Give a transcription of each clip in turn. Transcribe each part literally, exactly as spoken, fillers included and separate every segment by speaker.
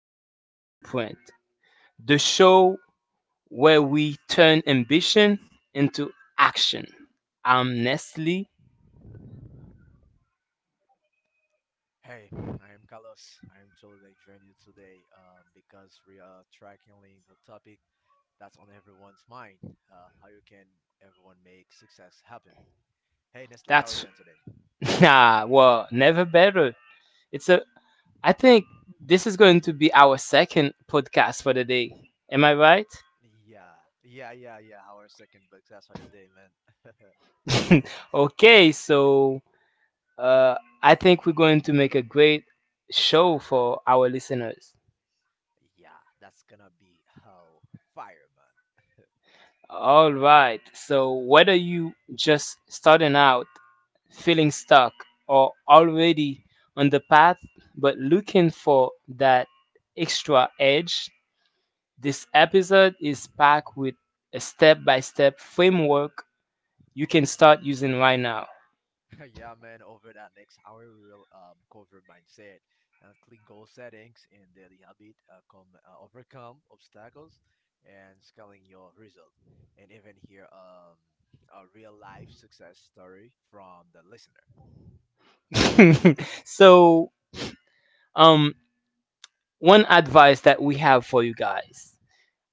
Speaker 1: Success Blueprint, the show where we turn ambition into action. I'm Nestle.
Speaker 2: Hey, I am Carlos. I am totally joining you today, um, because we are tracking the topic that's on everyone's mind: uh, how you can everyone make success happen. Hey, Nestle, how
Speaker 1: That's
Speaker 2: are you doing today?
Speaker 1: Nah, well, never better. It's a I think this is going to be our second podcast for the day. Am I right?
Speaker 2: Yeah, yeah, yeah, yeah. Our second success for the day, man.
Speaker 1: Okay, so uh I think we're going to make a great show for our listeners.
Speaker 2: Yeah, that's gonna be how fire, man.
Speaker 1: All right. So, whether you just starting out, feeling stuck, or already on the path but looking for that extra edge, this episode is packed with a step by step framework you can start using right now.
Speaker 2: Yeah, man, over that next hour, we will um, cover mindset, uh, clear goal settings, and daily habit, uh, com- uh, overcome obstacles, and scaling your result. And even hear um, a real life success story from the listener.
Speaker 1: So, um, one advice that we have for you guys,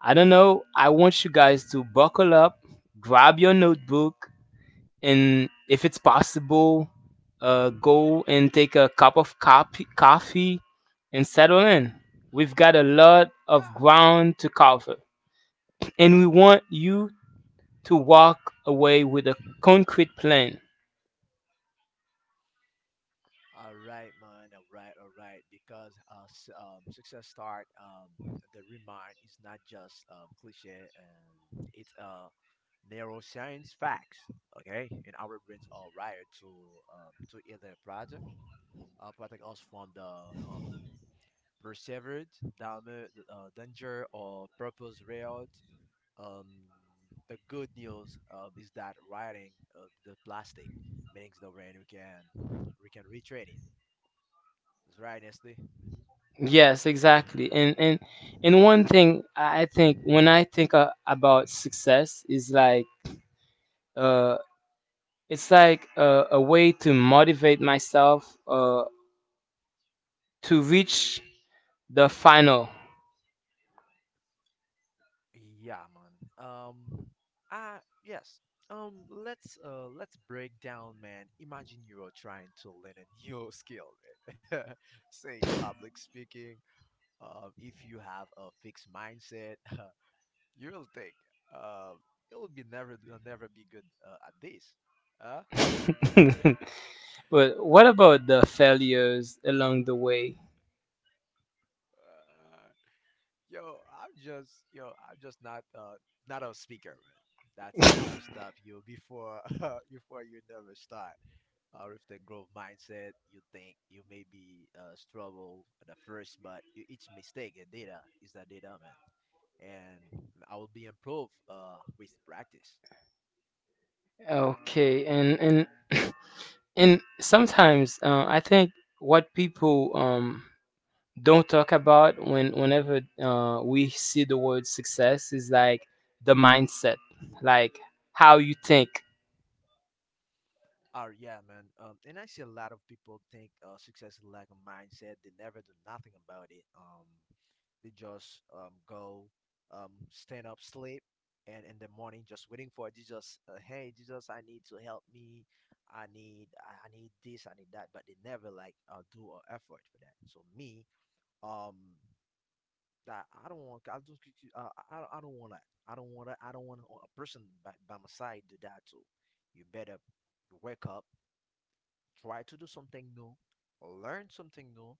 Speaker 1: I don't know, I want you guys to buckle up, grab your notebook, and if it's possible, uh, go and take a cup of coffee, coffee and settle in. We've got a lot of
Speaker 2: Yeah.
Speaker 1: ground to cover, and we want you to walk away with a concrete plan.
Speaker 2: All right, man. All right, all right. Because uh, s- um, success start. Um, the remind is not just um, cliche, and it's uh, neuroscience facts. Okay, and our brains are wired to um, to either product, uh, protect us from the um persevered dam- uh, danger or purpose railed. Um, the good news um, is that wiring, uh, the plastic, means the brain we can we can retrain it. That's right, Nestle.
Speaker 1: Yes, exactly. And and and one thing I think, when I think uh, about success, is like uh it's like uh, a way to motivate myself uh to reach the final.
Speaker 2: Yeah, man. Um, ah, yes. Um, let's uh let's break down, man. Imagine you are trying to learn a new skill, man. Say public speaking. Um, if you have a fixed mindset, you'll think um you'll be never you'll never be good uh, at this. Huh?
Speaker 1: But what about the failures along the way?
Speaker 2: Uh, yo, I'm just yo, I'm just not uh not a speaker, man. That's beloved stuff you before before you never start, or if the growth mindset you think you may be uh, struggle at the first, but e- each mistake and data is that data, man. And I will be improved uh, with practice.
Speaker 1: Okay, and and and sometimes uh, I think what people um, don't talk about when whenever uh, we see the word success is like the mindset, like how you think.
Speaker 2: Oh yeah, man. Um, and I see a lot of people think uh, success is like a mindset. They never do nothing about it. Um, They just um, go, um, stand up, sleep, and in the morning just waiting for Jesus. Uh, hey, Jesus, I need to help me. I need I need this. I need that. But they never like uh, do an effort for that. So me, um, that I don't want. I just uh, I I don't want that. I don't want that. I don't want a person by, by my side do that too. You better wake up, try to do something new, learn something new.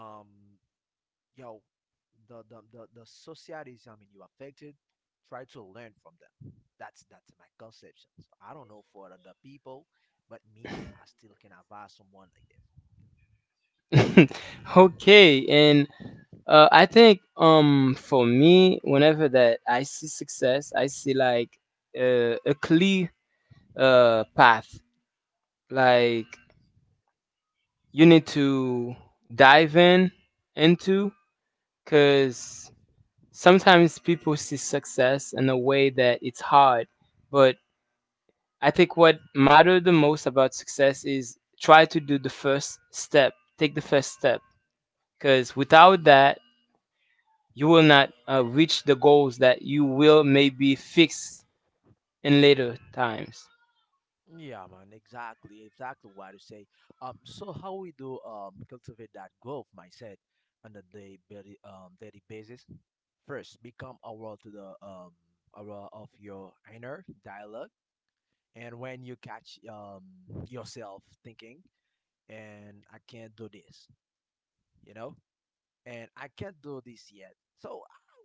Speaker 2: Um, Yo, the the the, the societies, I mean, you affected, try to learn from them. That's that's my conception. So I don't know for other people, but me, I still can advise someone like this.
Speaker 1: Okay, and uh, I think um for me, whenever that I see success, I see like uh, a clear uh path, like you need to dive in into because sometimes people see success in a way that it's hard, but I think what matter the most about success is try to do the first step take the first step, because
Speaker 2: Yeah,
Speaker 1: without
Speaker 2: e-
Speaker 1: that you will not uh, reach the goals that you will maybe fix in later times.
Speaker 2: Yeah, man, exactly, exactly what you say. Um, so how we do um cultivate that growth mindset on a day very um daily basis? First, become aware to the um aware of your inner dialogue, and when you catch um yourself thinking, and I can't do this, you know, and I can't do this yet. So,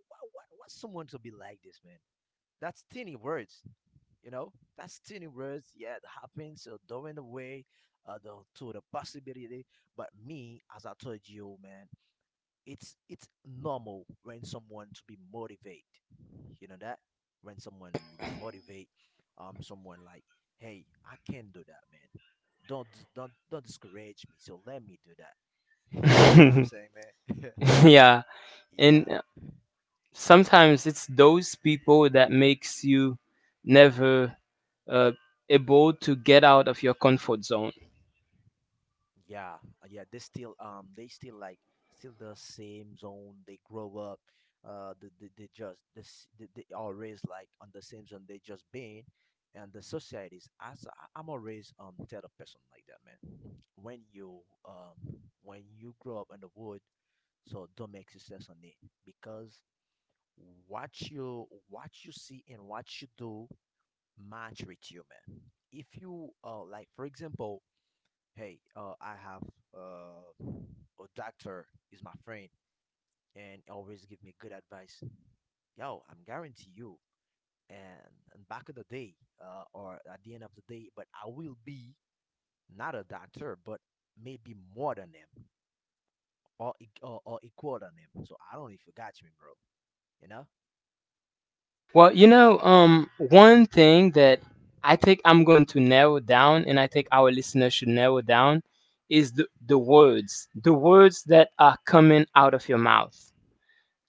Speaker 2: what what what's someone to be like this, man? That's tiny words, you know, fascinating words, yeah, it happens so during the way, uh, the, to the possibility, but me, as I told you, man, it's it's normal when someone to be motivated, you know that, when someone be motivate, um someone like, hey, I can do that, man. Don't don't don't discourage me, so let me do that. You know, you know what I'm saying, man?
Speaker 1: Yeah, and
Speaker 2: Yeah.
Speaker 1: sometimes it's those people that makes you never uh, able to get out of your comfort zone.
Speaker 2: Yeah, uh, yeah, they still um they still like still the same zone. They grow up, uh, they they, they just they, s- they they always like on the same zone. They just been, and the societies. As I, I'm always um tell a person like that, man. When you um when you grow up in the wood, so don't make success on it, because what you what you see and what you do match with you, man. If you uh like, for example, hey, uh, I have uh, a doctor is my friend and always give me good advice. Yo, I'm guarantee you. And, and back in the day, uh, or at the end of the day, but I will be not a doctor, but maybe more than them, or e- or, or equal than them. So I don't even if got me, bro. You know?
Speaker 1: Well, you know, um, one thing that I think I'm going to narrow down, and I think our listeners should narrow down, is the, the words, the words that are coming out of your mouth.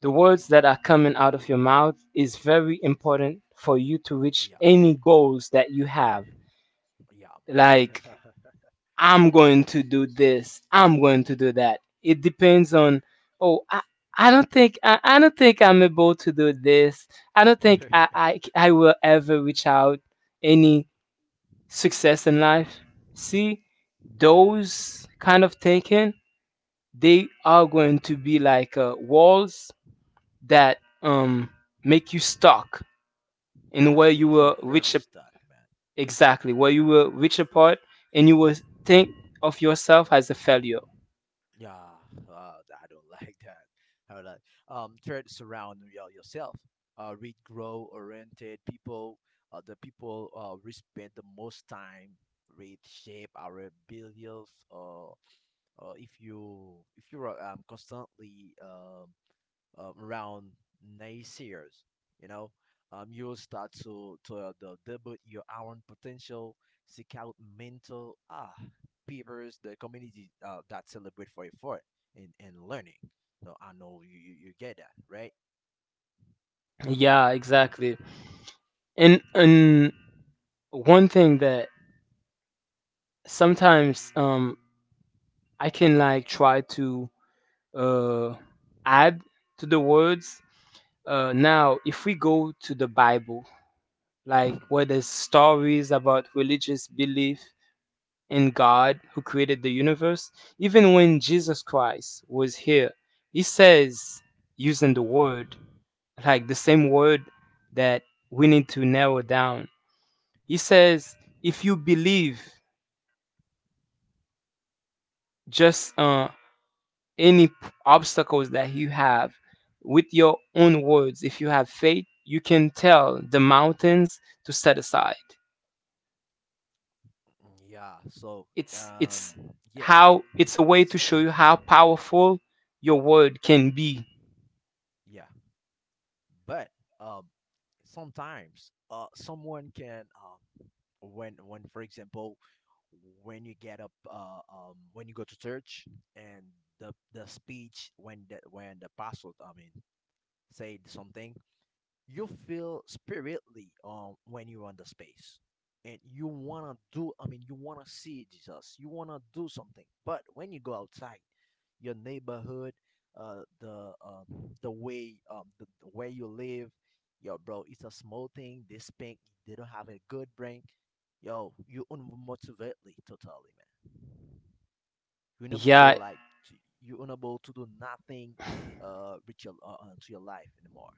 Speaker 1: The words that are coming out of your mouth is very important for you to
Speaker 2: Yeah,
Speaker 1: reach any goals that you have.
Speaker 2: yeah,
Speaker 1: Like, I'm going to do this. I'm going to do that. It depends on, oh, I, I don't think I, I don't think I'm able to do this. I don't think
Speaker 2: man.
Speaker 1: I. I I will ever reach out any success in life. See, those kind of thinking, they are going to be like uh, walls that um make you stuck in
Speaker 2: Yeah,
Speaker 1: where you
Speaker 2: make you
Speaker 1: will
Speaker 2: very
Speaker 1: reach a,
Speaker 2: stuck, man.
Speaker 1: exactly where you will reach apart, and you will think of yourself as a failure.
Speaker 2: Yeah, uh, I don't like that. I would like um third surround your, yourself. Uh, read grow oriented people. Uh, the people uh, we spend the most time read shape our beliefs. Or uh, if you if you are um, constantly um um, around nice years, you know, um, you'll start to to uh, the debut your own potential, seek out mental ah peers, the community uh, that celebrate for effort and and learning. No, I know you you, you get that right.
Speaker 1: Yeah, exactly. And and one thing that sometimes um I can like try to uh add to the words. Uh now, if we go to the Bible, like where there's stories about religious belief in God who created the universe, even when Jesus Christ was here, he says using the word, like the same word that we need to narrow down. He says, if you believe, just uh, any p- obstacles that you have, with your own words, if you have faith, you can tell the mountains to set aside.
Speaker 2: Yeah. So
Speaker 1: it's
Speaker 2: um
Speaker 1: it's
Speaker 2: yeah,
Speaker 1: how it's a way
Speaker 2: it's
Speaker 1: to show you how powerful your word can be.
Speaker 2: yeah, but um sometimes uh someone can, um when when for example, when you get up uh um when you go to church, and the the speech, when the when the pastor, I mean, said something, you feel spiritly um when you're on the space, and you want to do, I mean, you want to see Jesus, you want to do something, but when you go outside your neighborhood, uh the um the way, um the, the where you live, yo, bro, it's a small thing, this pink, they don't have a good brain, yo, you unmotivately totally, man, you're unable,
Speaker 1: Yeah.
Speaker 2: like, to, you're unable to do nothing uh with your uh, uh, to your life anymore.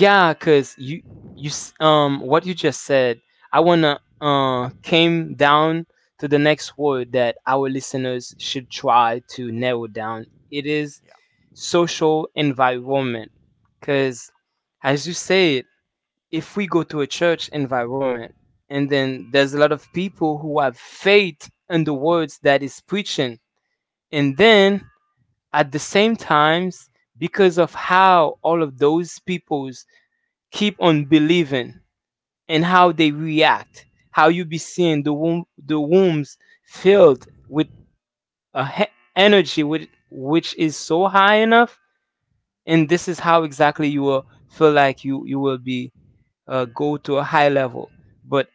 Speaker 1: Yeah, cuz you you s- um what you just said, I want to uh came down to the next word that our listeners should try to narrow down. It is
Speaker 2: Yeah,
Speaker 1: social environment. Because, as you said, if we go to a church environment, and then there's a lot of people who have faith in the words that is preaching, and then, at the same times, because of how all of those peoples keep on believing and how they react, how you be seeing the womb, the wombs filled with a he- energy, which, which is so high enough, and this is how exactly you will feel like you you will be uh, go to a high level. But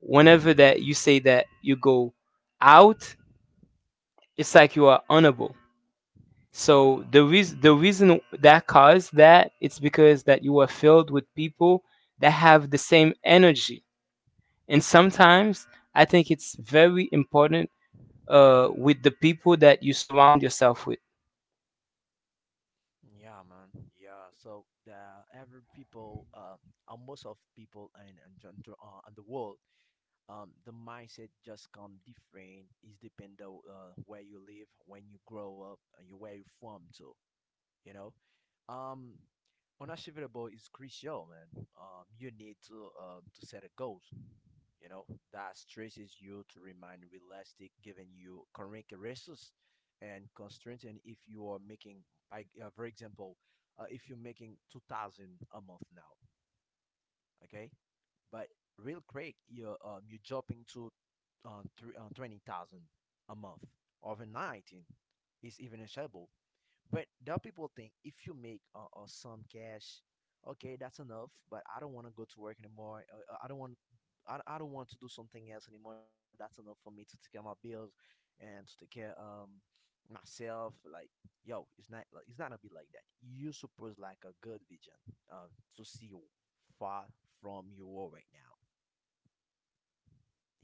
Speaker 1: whenever that you say that you go out, it's like you are honorable.
Speaker 2: yeah.
Speaker 1: So the reason, the reason that caused that, it's because that you are filled with people that have the same energy. And sometimes I think it's very important uh, with the people that you surround yourself with.
Speaker 2: Yeah, man. Yeah. So the every people, uh, uh, most of people in in, gen- gen- uh, in the world, um, the mindset just come different. Is depend on uh, where you live, when you grow up, and you where you from too, you know. Um, Unachievable is crucial, man. Um, you need to um to set a goals, you know, that stresses you to remain realistic, giving you correct resources and constraints. And if you are making, like, uh, for example, uh, if you're making two thousand a month now, okay, but real quick, you're um you're jumping to uh, three, uh, twenty thousand a month overnight. Is even achievable, but there people think, if you make uh, uh, some cash, okay, that's enough. But I don't want to go to work anymore. Uh, uh, I don't want. I, I don't want to do something else anymore. That's enough for me to take care of my bills and to take care um myself. Like, yo, it's not. like It's not gonna be like that. You suppose like a good vision, um, to see far from your world right now.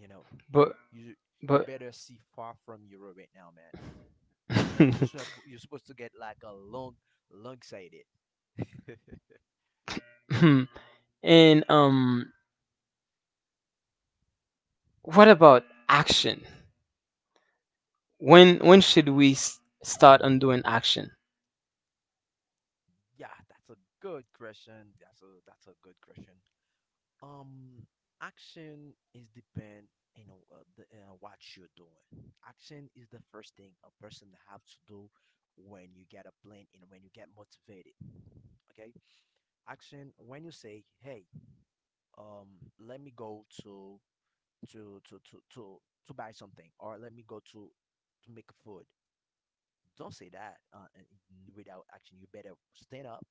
Speaker 2: You know,
Speaker 1: but
Speaker 2: you you
Speaker 1: but
Speaker 2: better see far from your world right now, man. You know, you're supp- you're supposed to get like a long long sighted.
Speaker 1: and um what about action? When when should we s- start on doing action?
Speaker 2: Yeah, that's a good question. That's a that's a good question. Um, Action is depend, you know, uh, the, uh, what you're doing. Action is the first thing a person have to do when you get a plan and when you get motivated. Okay, action when you say, "Hey, um, let me go to to to to to to buy something," or "Let me go to to make food." Don't say that uh, and- without action. You better stand up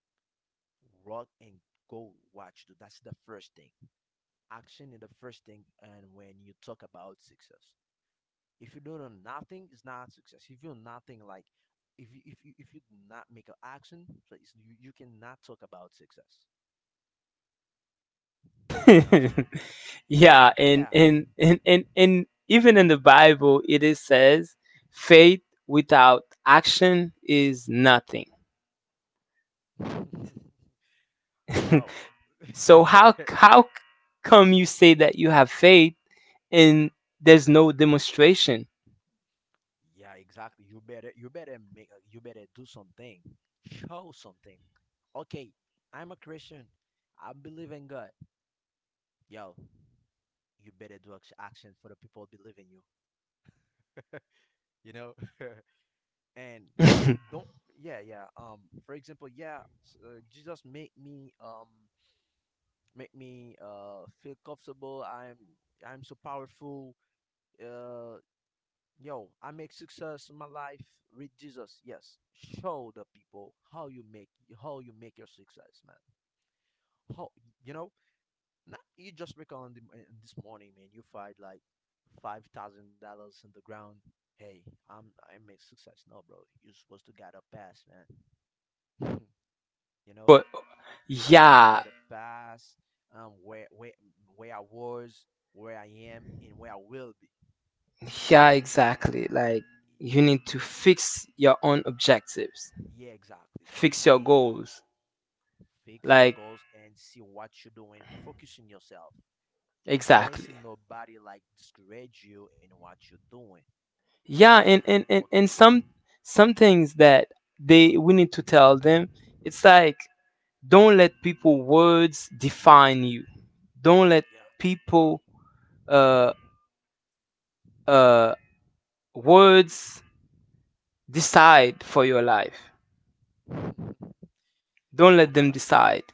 Speaker 2: rock and gold watch do. That's the first thing. Action is the first thing. And when you talk about success, if you do nothing, it's not success. If you do nothing, like, if you if you if you do not make an action, so it's, you you cannot talk about success. You know what I'm saying?
Speaker 1: Yeah,
Speaker 2: Yeah.
Speaker 1: and and and and and even in the Bible, it is says faith without action is nothing.
Speaker 2: uh,
Speaker 1: So, how
Speaker 2: that,
Speaker 1: how come you say that you have faith and there's no demonstration?
Speaker 2: yeah, exactly. You better you better make uh, you better do something. Show something. Okay, I'm a Christian. I believe in God. Yo, you better do act- action for the people believe in you. You know. And don't, yeah, yeah um for example, yeah, s- uh, Jesus make me um make me uh feel comfortable. I'm i'm so powerful. uh Yo, I make success in my life with Jesus. Yes, show the people how you make how you make your success, man. How, you know. Not you just wake on the in this morning, man. You find like five thousand dollars in the ground. Hey, I'm i made success. No, bro, you're supposed to get a pass, man. You know,
Speaker 1: But
Speaker 2: you're supposed to
Speaker 1: yeah,
Speaker 2: get a pass. Um, where where where I was, where I am, and where I will be.
Speaker 1: yeah, exactly. Like, you need to fix your own objectives,
Speaker 2: Yeah, exactly though.
Speaker 1: fix your goals.
Speaker 2: Fix your
Speaker 1: Like,
Speaker 2: goals and see what you're doing. Focus on yourself. Don't
Speaker 1: exactly.
Speaker 2: listen to nobody like discourage you in what you're doing.
Speaker 1: Yeah,
Speaker 2: Just
Speaker 1: and and and, and
Speaker 2: focus.
Speaker 1: some some things that they we need to tell them. It's like, don't let people words define you. Don't let
Speaker 2: Yeah.
Speaker 1: people uh uh words decide for your life. Don't
Speaker 2: There
Speaker 1: let
Speaker 2: are a
Speaker 1: them
Speaker 2: lot
Speaker 1: decide.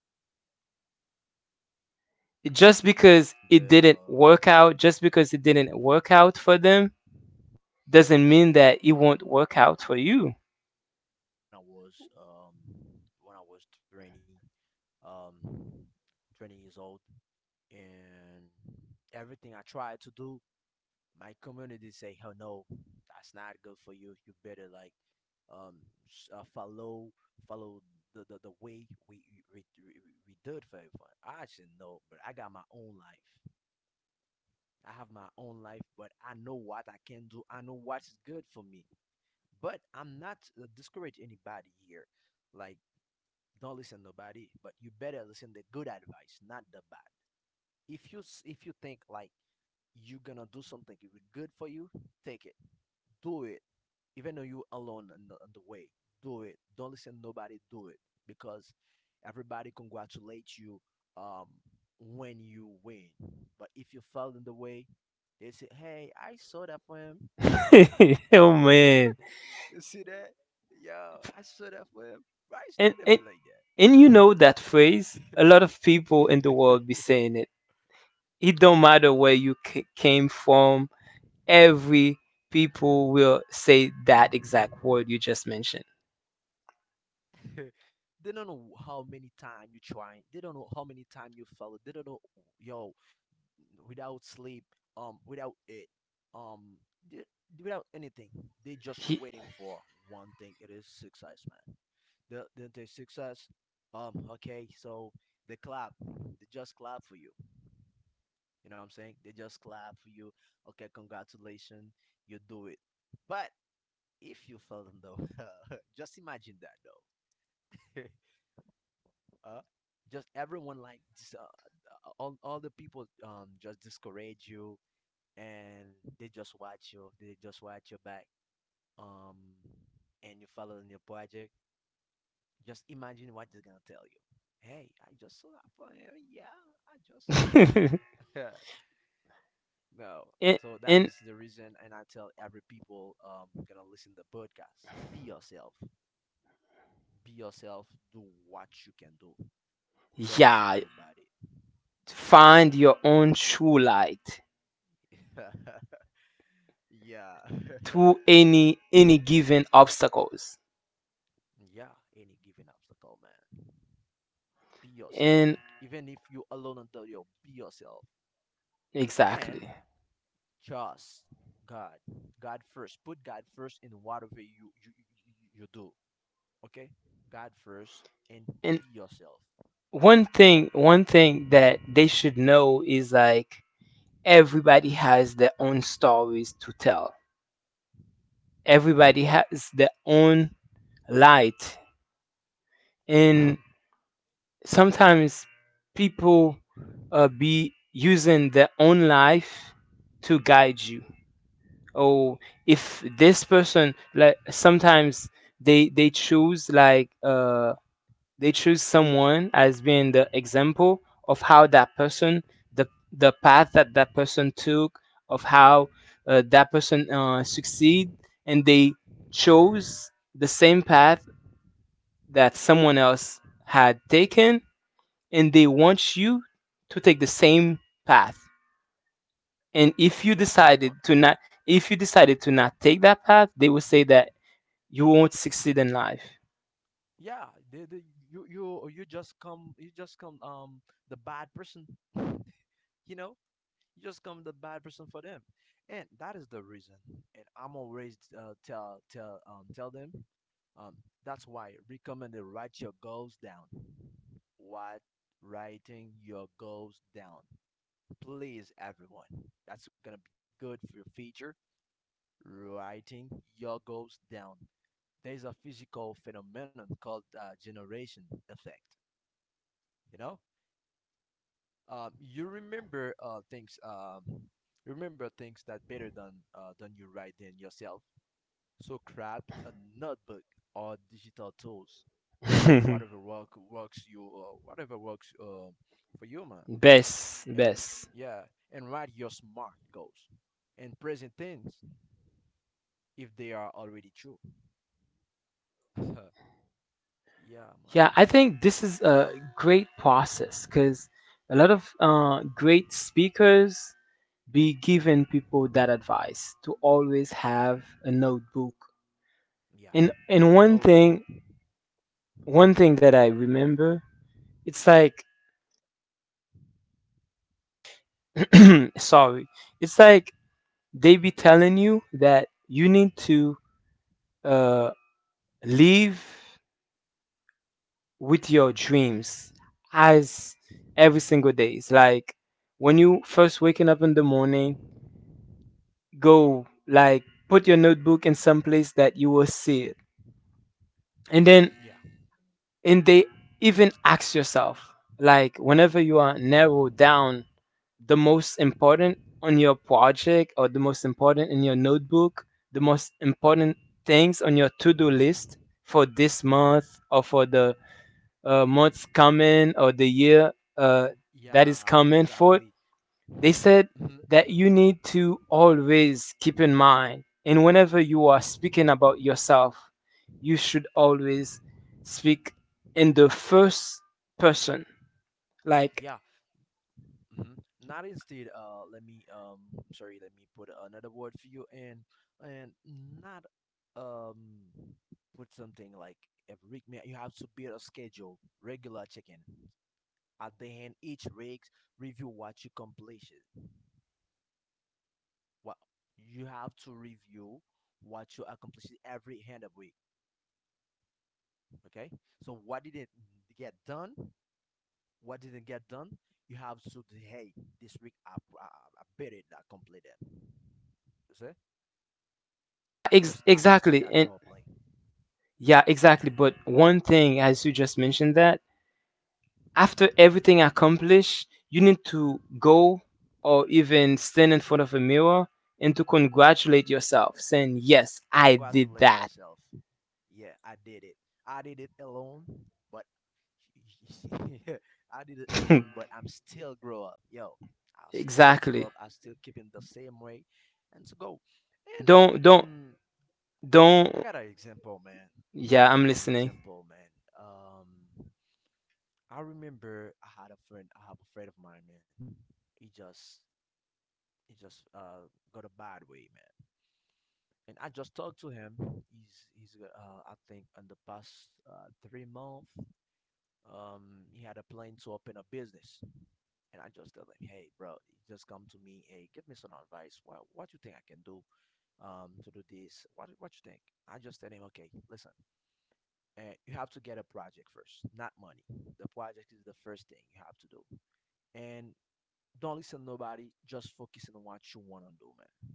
Speaker 2: a lot of people for example um
Speaker 1: Just
Speaker 2: I
Speaker 1: because it
Speaker 2: remember
Speaker 1: didn't
Speaker 2: uh
Speaker 1: work out, just because it didn't work out for them, doesn't mean that it
Speaker 2: yeah, so
Speaker 1: won't
Speaker 2: I
Speaker 1: work out
Speaker 2: remember,
Speaker 1: for
Speaker 2: man,
Speaker 1: you.
Speaker 2: I, I I remember when I was um when I was twenty, um twenty years old, and everything I tried to do, my community say, "Oh no, that's not good for you. You better like, um s- uh, follow, follow the, the, the way we we, we we did for everyone." I said, "No, but I got my own life. I have my own life, but I know what I can do. I know what's good for me. But I'm not uh, discourage anybody here. Like, don't listen to nobody, but you better listen the good advice, not the bad. If you s- if you think like you're gonna do something it will be good for you, take it, do it, even though you alone on the, on the way. Do it. Don't listen to nobody. Do it because everybody congratulate you, um, when you win. But if you fell in the way, they say, 'Hey, I saw that for him.'"
Speaker 1: Oh man.
Speaker 2: You see that? Yo, I saw that for him. Right? It's not gonna be
Speaker 1: And,
Speaker 2: like
Speaker 1: and and you know that phrase, a lot of people in the world
Speaker 2: that.
Speaker 1: be saying it. It don't matter where you c- came from. Every people will say that exact word you just mentioned.
Speaker 2: Yeah. They don't know how many time you trying. They don't know how many time you follow. They don't know, yo, without sleep, um, without it, um, d- without anything. They just
Speaker 1: He,
Speaker 2: waiting for one thing. It is success, man. The the, the success. Um, okay, so they clap. They just clap for you. You know what I'm saying? They just clap for you. Okay, congratulations, you do it. But if you fail them though, just imagine that though. uh, just everyone like dis- uh, uh, all all the people um just discourage you, and they just watch you, they just watch your back, um and you follow in your project. Just imagine what they're gonna tell you. "Hey, I just saw that for, yeah, I just know, bro." No,
Speaker 1: and,
Speaker 2: so that
Speaker 1: and
Speaker 2: is the reason, and I tell every people um gonna listen to the podcast, be yourself. Be yourself do what you can do don't listen to
Speaker 1: yeah,
Speaker 2: nobody
Speaker 1: find your own true light
Speaker 2: Yeah.
Speaker 1: through any any given obstacles.
Speaker 2: Yeah, any given obstacle, man. Be yourself. Even
Speaker 1: And
Speaker 2: if you alone on the road, be yourself. And
Speaker 1: exactly.
Speaker 2: trust God. God first. Put God first in whatever you you, you, you do. Okay? God first, and be
Speaker 1: And
Speaker 2: yourself.
Speaker 1: one
Speaker 2: You know?
Speaker 1: thing one thing that they should know is like, everybody has their own stories to tell. Everybody has their own light. And sometimes people uh, be using their own life to guide you, or if this person, like, sometimes they they choose like uh they choose someone as being the example of how that person the the path that that person took, of how uh, that person uh, succeed, and they chose the same path that someone else had taken, and they want you to take the same path. And
Speaker 2: Yeah,
Speaker 1: if
Speaker 2: they
Speaker 1: you
Speaker 2: want,
Speaker 1: decided to not if you decided to not take that path, they will say that you won't succeed in life.
Speaker 2: yeah, they, they you you you just come, you just come um the bad person. You know? You just come the bad person for them, and that is the reason. And I'm always uh, tell tell, um, tell them, um, that's why recommended write your goals down. What? Writing your goals down, please, everyone, that's gonna be good for your future. Writing your goals down, there's a physical phenomenon called uh, generation effect. You know, um, you remember uh, things, um, remember things that better than uh, than you write them yourself. So grab a notebook or digital tools, the whatever work works you, uh, whatever works, uh, for you, man.
Speaker 1: Best,
Speaker 2: And
Speaker 1: best.
Speaker 2: yeah, and write your smart goals and present things if they are already true. Yeah, man.
Speaker 1: Yeah, I think this is a great process, because a lot of uh, great speakers be giving people that advice to always have a notebook.
Speaker 2: Yeah,
Speaker 1: And and one
Speaker 2: notebook.
Speaker 1: thing, one thing that I remember, it's like, sorry, it's like
Speaker 2: Mhm.
Speaker 1: they be telling you that you need to uh, live with your dreams as every single day. It's like, when you first waking up in the morning, go like put your notebook in some place that you will see it, and
Speaker 2: Yeah,
Speaker 1: then and they even ask yourself, like, whenever you are narrowed down the most important on your project, or the most important in your notebook, the most important things on your to do list for this month, or for the uh, month coming, or the year uh, that
Speaker 2: yeah,
Speaker 1: is coming
Speaker 2: exactly.
Speaker 1: for. They said
Speaker 2: Hmm.
Speaker 1: that you need to always keep in mind, and whenever you are speaking about yourself, you should always speak in the first person.
Speaker 2: Yeah.
Speaker 1: Like,
Speaker 2: Hmm. Not instead. Uh, let me, um, I'm sorry, let me put another word for you, and and not, um, put something like every week, man. You have to build a schedule, regular check-in. At the end, each week, review what you accomplished. What you have to review what you accomplished every end of week. Okay, so what didn't get done? What didn't get done? You have to say, "Hey, this week I I, I better not complete them." You see? Just
Speaker 1: ex-
Speaker 2: I just did that
Speaker 1: exactly. And
Speaker 2: airplane.
Speaker 1: Yeah, exactly. But one thing, as you just mentioned that, after everything accomplished, you need to go or even stand in front of a mirror and to congratulate yourself, saying, "Yes, I
Speaker 2: Congratulate
Speaker 1: did
Speaker 2: yourself.
Speaker 1: that."
Speaker 2: Yeah, I did it. I did it alone, but I did it alone, but I'm still grow up. Yo, I'll still grow up. I
Speaker 1: Exactly.
Speaker 2: still keep in the same way, and to go. And
Speaker 1: Don't, don't,
Speaker 2: mm, I got an
Speaker 1: don't.
Speaker 2: example, man. I got
Speaker 1: Yeah,
Speaker 2: an
Speaker 1: I'm listening.
Speaker 2: example, man. Um, I remember I had a friend. I have a friend of mine, man. He just he just uh got a bad way, man, and I just talked to him. He's he's uh I think in the past, uh, three months, um he had a plan to open a business, and I just told him, "Hey bro," he just come to me, "hey, give me some advice. What what you think I can do um to do this? What what you think?" I just tell him, "Okay, listen, uh, you have to get a project first, not money. The project is the first thing you have to do, and don't listen to nobody. Just focus on what you wanna do, man.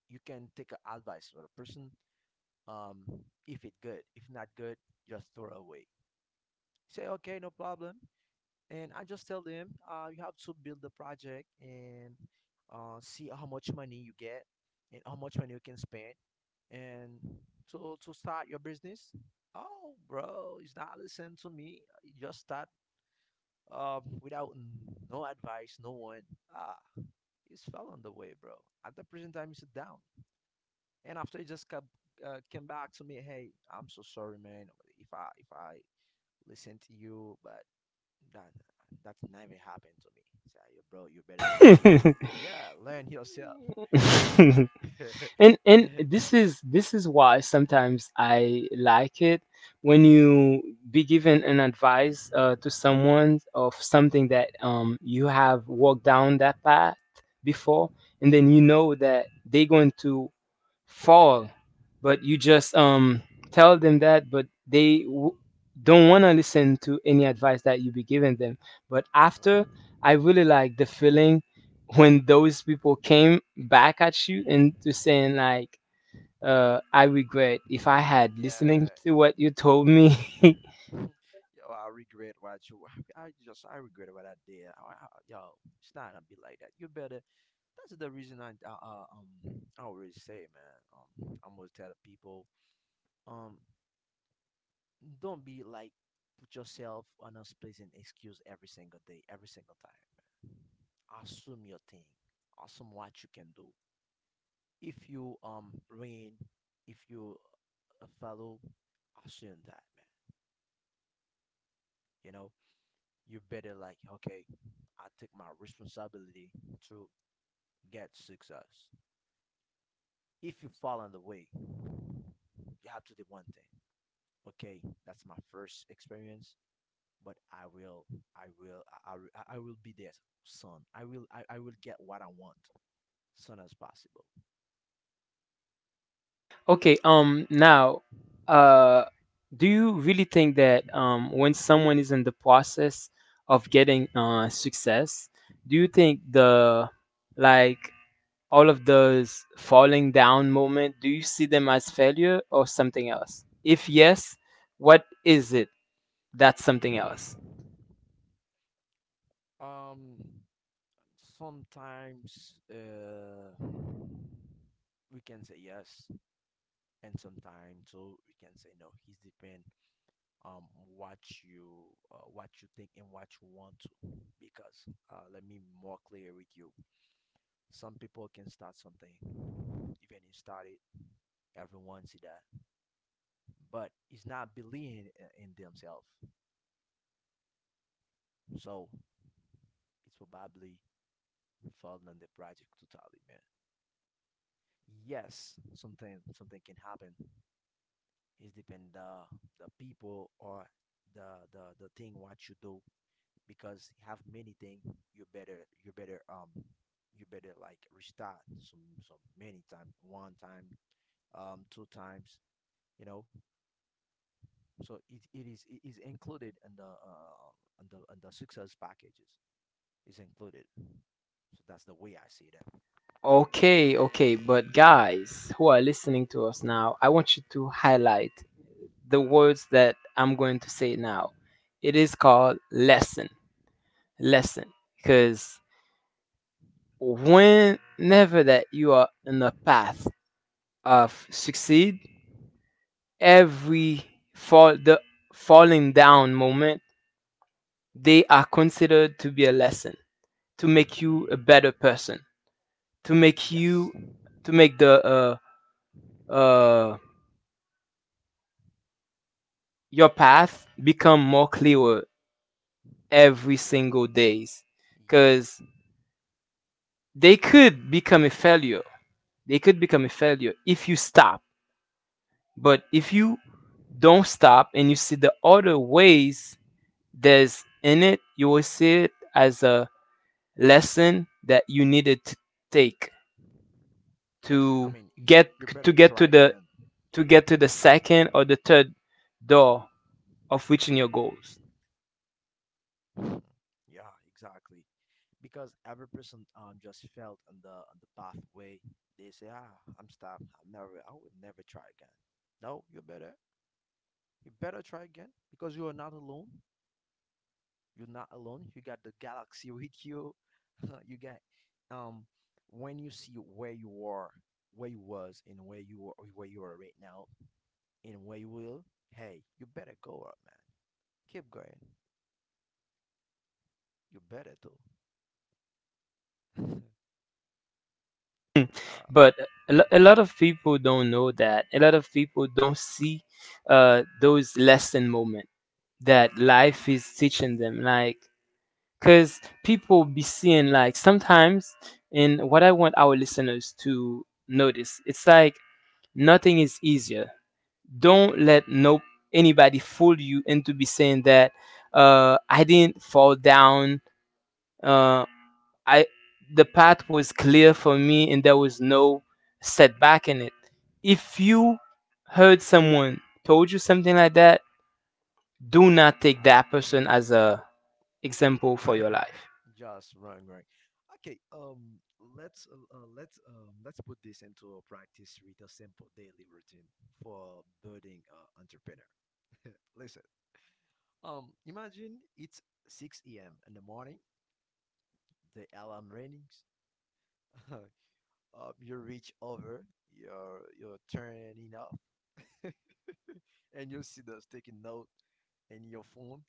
Speaker 2: You can take a advice from a person, um, if it good. If not good, just throw away. Say okay, no problem." And I just tell them, uh, you have to build the project and, uh, see how much money you get and how much money you can spend and to to start your business. "Oh, bro, it's not listen to me. You just start, um, without no advice, no one." Ah, it's fell on the way, bro. At the present time, it's down. And after he just kept, uh, came back to me, "Hey, I'm so sorry, man. If I if I listen to you, but that, that never happened to me." So you, bro, you better learn. Yeah, learn yourself.
Speaker 1: and and
Speaker 2: Yeah,
Speaker 1: this is this is why sometimes I like it, when you be given an advice uh, to someone of something that um, you have walked down that path before, and then you know that they're going to fall, but you just um tell them that, but they w- don't want to listen to any advice that you be giving them. But
Speaker 2: no,
Speaker 1: after, I really like the feeling when those people came back at you and to saying, like, uh I regret if I had
Speaker 2: yeah.
Speaker 1: listening to what you told me.
Speaker 2: Yo, I regret what you. I just I regret what I did. I, I, yo, it's not gonna be like that. You better. That's the reason I, uh, uh, um I always say, man. Um, I am always tell the people. Um, don't be like, put yourself on a place and excuse every single day, every single time. Assume your thing. Assume what you can do. If you um rain, if you a fellow, assume that, man. You know, you better like, "Okay, I take my responsibility to get success." If you fall on the way, you have to do one thing. Okay, that's my first experience. But I will, I will, I, I, will- I will be there, son. I will, I, I will get what I want, soon as possible. So,
Speaker 1: Okay, um now uh do you really think that um when someone is in the process of getting uh success, do you think, the, like all of those falling down moment, do you see them as failure or something else? If yes, what is it that's something else?
Speaker 2: um, sometimes, uh, we can say yes, and sometimes so we can say no. It's depend, um what you, uh, what you think and what you want to. Because, uh, let me more clear with you. Some people can start something, even if started, everyone see that, but it's not believing, uh, in themselves. So it's probably falling on the project totally, man. Yes, something something can happen. It depend the, the people, or the the the thing what you do, because you have many thing, you better you better, um you better like restart some some many time, one time, um two times, you know. So it, it is it is included in the, uh in the in the success packages. Is included. So that's the way I see that.
Speaker 1: Okay, okay, but guys who are listening to us now, I want you to highlight the words that I'm going to say now. It is called lesson. Lesson. Because, whenever that you are in the path of succeed, every fall the falling down moment, they are considered to be a lesson to make you a better person, to make
Speaker 2: Yes.
Speaker 1: you to make the uh uh your path become more clearer every
Speaker 2: Yeah.
Speaker 1: single days,
Speaker 2: Yes.
Speaker 1: because they could become a failure, they could become a failure if you stop. But if you don't stop and you see the other ways there's in it, you will see it as a lesson that you needed to take
Speaker 2: Yes. I
Speaker 1: to
Speaker 2: mean,
Speaker 1: get
Speaker 2: you better
Speaker 1: to get
Speaker 2: try
Speaker 1: to the
Speaker 2: again.
Speaker 1: to get to the second or the third door of reaching your goals.
Speaker 2: Mhm. Yeah, exactly. Because every person, um just felt on the on the pathway. They say, "Ah, I'm stopped. I'm never. I will never try again." No, you better. You better try again because you are not alone. You're not alone. You got the galaxy with you. You got, um when you see where you are, where you was, and where you are, where you are right now, and where you will. Hey, you better go up, man. Keep going. You better do.
Speaker 1: Hmm.
Speaker 2: Yeah.
Speaker 1: but a lo- a lot of people don't know that. A lot of people don't see uh, those lesson moment that life is teaching them. Like, cause people be seeing like sometimes, and what I want our listeners to notice, it's like nothing is easier. Don't let no anybody fool you into be saying that uh, I didn't fall down. Uh, I the path was clear for me and there was no setback in it. If you heard someone told you something like that, do not take
Speaker 2: Ah.
Speaker 1: that person as a example
Speaker 2: Right.
Speaker 1: for your life.
Speaker 2: Just wrong, right. Okay. Um. Let's, uh, uh, let's, um let's put this into a practice with a simple daily routine for budding, uh, entrepreneur. Listen. Um. Imagine it's six a m in the morning. The alarm rings. Um, you reach over. You're you're turning off, and you see those taking note in your phone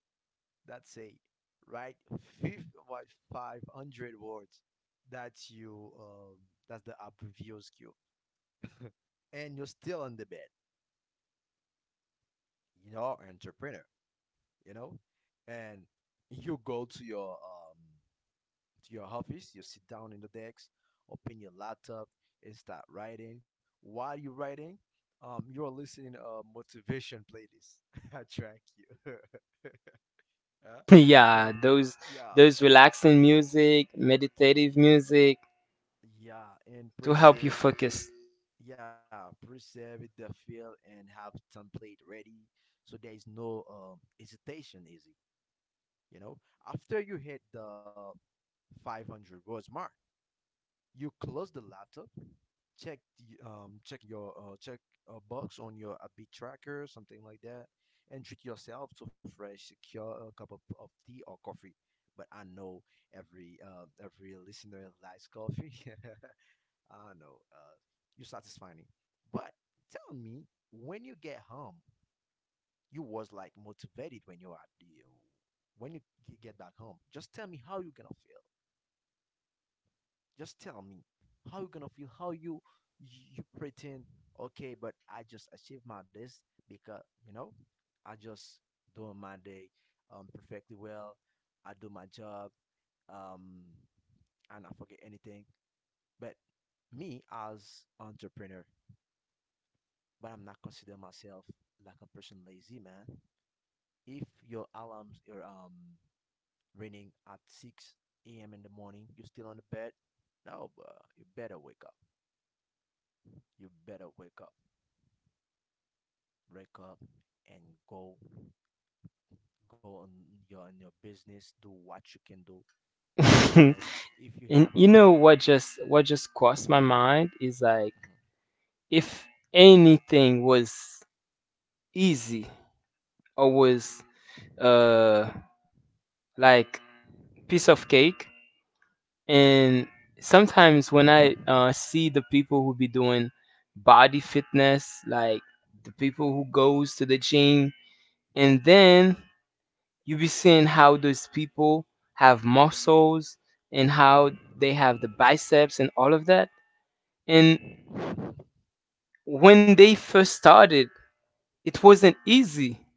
Speaker 2: that say write fifth about five hundred words, that's you, um, that's the app review skill. And you're still on the bed. You're an entrepreneur, you know. And you go to your um to your office. You sit down in the desk, open your laptop, and start writing. While you're writing, um you're listening a motivation playlist. I track you. Huh? You
Speaker 1: Yeah,
Speaker 2: have,
Speaker 1: those
Speaker 2: yeah,
Speaker 1: those relaxing music, meditative music
Speaker 2: yeah, and
Speaker 1: to help you
Speaker 2: pre-save the,
Speaker 1: focus.
Speaker 2: yeah, preserve it, the feel, and have template ready, so there is no, um, hesitation easy, you know. After you hit the five hundred words mark, you close the laptop, check the, um check your, uh, check a box on your upbeat tracker, something like that, and treat yourself to fresh secure a cup of, of tea or coffee. But I know every, uh, every listener likes coffee. I don't know, uh, you're satisfying it. But tell me, when you get home, you was like motivated when you are the, uh, when you g- get back home. Just tell me how you gonna feel. Just tell me how you gonna feel. How you you pretend okay, but I just achieved my this because you know I just doing my day um perfectly well. I do my job um and I forget anything. But me as entrepreneur, but I'm not consider myself like a person lazy, man. If your alarms are um ringing at six a m in the morning, you're still on the bed. No, bro, you better wake up. You better wake up, wake up, and go go on your on your business. Do what you can do. You know, if you
Speaker 1: and
Speaker 2: have
Speaker 1: You
Speaker 2: a
Speaker 1: know
Speaker 2: plane.
Speaker 1: what just what just crossed my
Speaker 2: Mhm.
Speaker 1: mind is like if anything was easy or was uh like piece of cake. And sometimes when I uh, see the people who be doing body fitness, like the people who goes to the gym, and then you be seeing how those people have muscles and how they have the biceps and all of that. And when they first started, it wasn't easy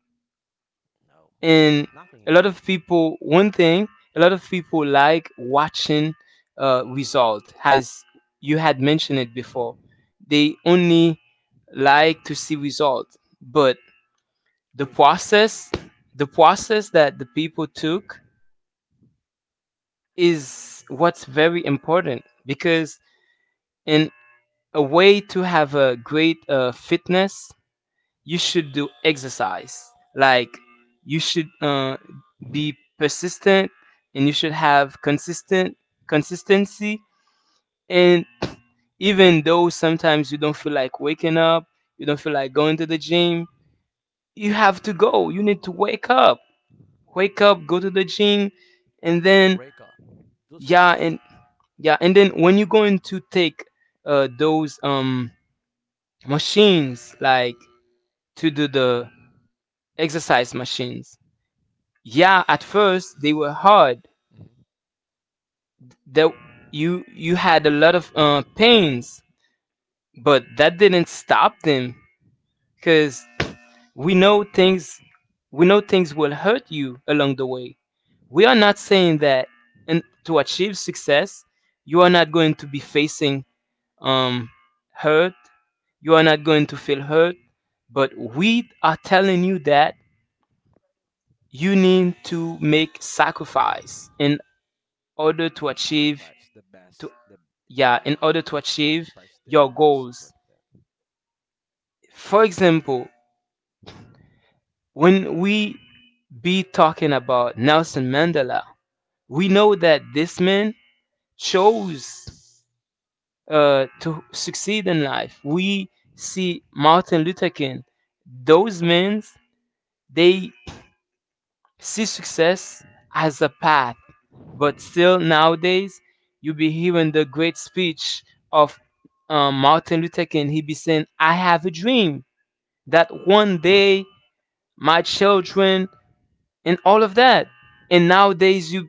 Speaker 2: No,
Speaker 1: and
Speaker 2: nothing
Speaker 1: a
Speaker 2: ain't
Speaker 1: lot of
Speaker 2: easy.
Speaker 1: people one thing a lot of people like watching uh result as you had mentioned it before, they only like to see result, but the
Speaker 2: Result only.
Speaker 1: process the process that the people took is what's very important because in a way to have a great uh, fitness you should do exercise. Like you should uh, be persistent and you should have consistent consistency. And even though sometimes you don't feel like waking up, you don't feel like going to the gym, you have to go. You need to wake up. Wake up, go to the
Speaker 2: You know,
Speaker 1: gym,
Speaker 2: to wake up,
Speaker 1: and then
Speaker 2: do something.
Speaker 1: yeah, and yeah, and then when you're going to take uh, those um machines like to do the exercise machines. Yeah, at first they
Speaker 2: Hmm.
Speaker 1: were hard, that you you had a lot of uh, pains, but that didn't stop them because we
Speaker 2: No,
Speaker 1: know things we know things will hurt you along the way. We are not saying that and to achieve success you are not going to be facing um hurt, you are not going to feel hurt, but we are telling you that you need to make sacrifice in order to achieve.
Speaker 2: sacrifice the best. The
Speaker 1: To Yeah, in
Speaker 2: yeah,
Speaker 1: order to achieve
Speaker 2: sacrifice the
Speaker 1: your
Speaker 2: most
Speaker 1: goals.
Speaker 2: important.
Speaker 1: For example, when we be talking about Nelson Mandela, we know that this man chose uh, to succeed in life. We see Martin Luther King. Those men, they see success as a path, but still nowadays you be hearing the great speech of um, Martin Luther King. He be saying I have a dream that one day my children and all of that. And nowadays you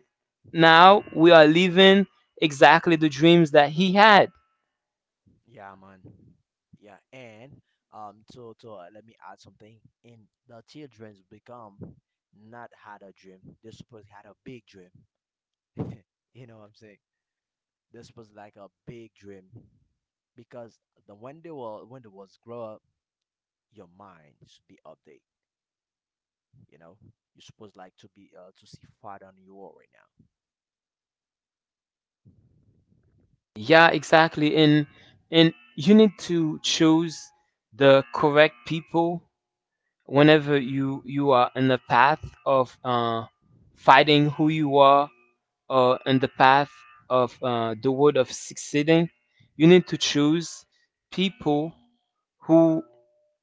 Speaker 1: now we are living exactly the dreams that he had.
Speaker 2: Yeah, man. Yeah, and um, to to uh, let me add something. And the childrens become not had a dream. They supposed had a big dream. You know what I'm saying? They supposed like a big dream because the when they were when they was grow up, your mind should be updated. You know, you're supposed like to be uh, to see farther than you are right
Speaker 1: Yeah, exactly. And and you need to choose the correct people. Whenever you you are in the path of uh fighting who you are, or in the path of uh, the word of succeeding, you need to choose people who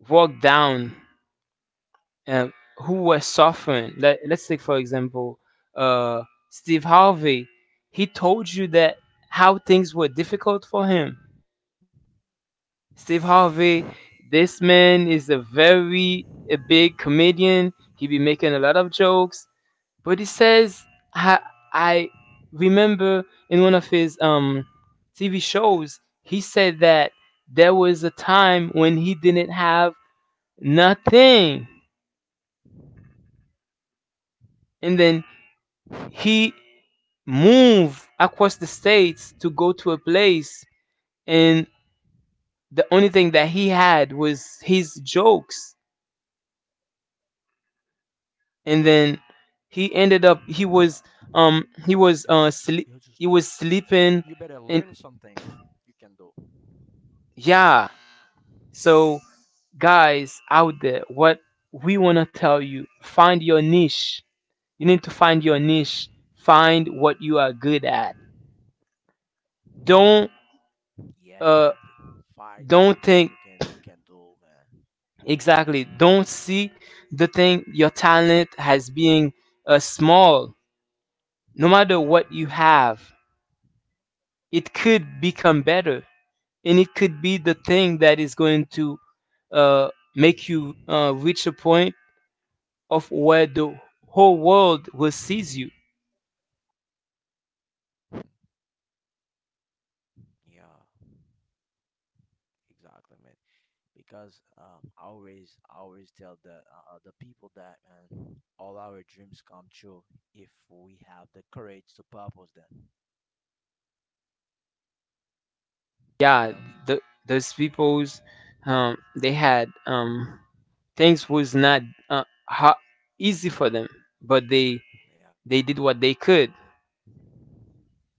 Speaker 1: walk down, um, who were suffering. Let, let's take, for example, uh, Steve Harvey. He told you that how things were difficult for him. Steve Harvey, this man is a very a big comedian. He be making a lot of jokes, but he says I, I remember in one of his um T V shows he said that there was a time when he didn't have nothing,
Speaker 2: now.
Speaker 1: and then he moved across the states to go to a place, and the only thing that he had was his jokes, and then
Speaker 2: Uh,
Speaker 1: he
Speaker 2: Only
Speaker 1: ended up
Speaker 2: jokes.
Speaker 1: he
Speaker 2: You
Speaker 1: was
Speaker 2: just you,
Speaker 1: um he was
Speaker 2: you
Speaker 1: uh
Speaker 2: better
Speaker 1: sleep,
Speaker 2: learn
Speaker 1: he was
Speaker 2: something you
Speaker 1: sleeping.
Speaker 2: can do.
Speaker 1: And yeah, so guys out there, what we want to tell you, find your niche. You need to find your niche. Find what you are good at. don't
Speaker 2: Yeah, exactly.
Speaker 1: uh
Speaker 2: Find something you can you
Speaker 1: don't
Speaker 2: can
Speaker 1: think.
Speaker 2: do, man.
Speaker 1: Exactly. Don't see the thing, your talent, as being uh, small. No matter what you have, it could become better. And it could be the thing that is going to uh, make you uh, reach a point of where the whole world will seize you.
Speaker 2: Yeah, exactly, man. Because um, I always I always tell the uh, uh, the people that man, all our dreams come true if we have the courage to purpose them. You
Speaker 1: Yeah,
Speaker 2: know?
Speaker 1: the, those peoples, um, they had um, things was not uh, ha- easy for them, but they they did
Speaker 2: Yeah.
Speaker 1: what they could.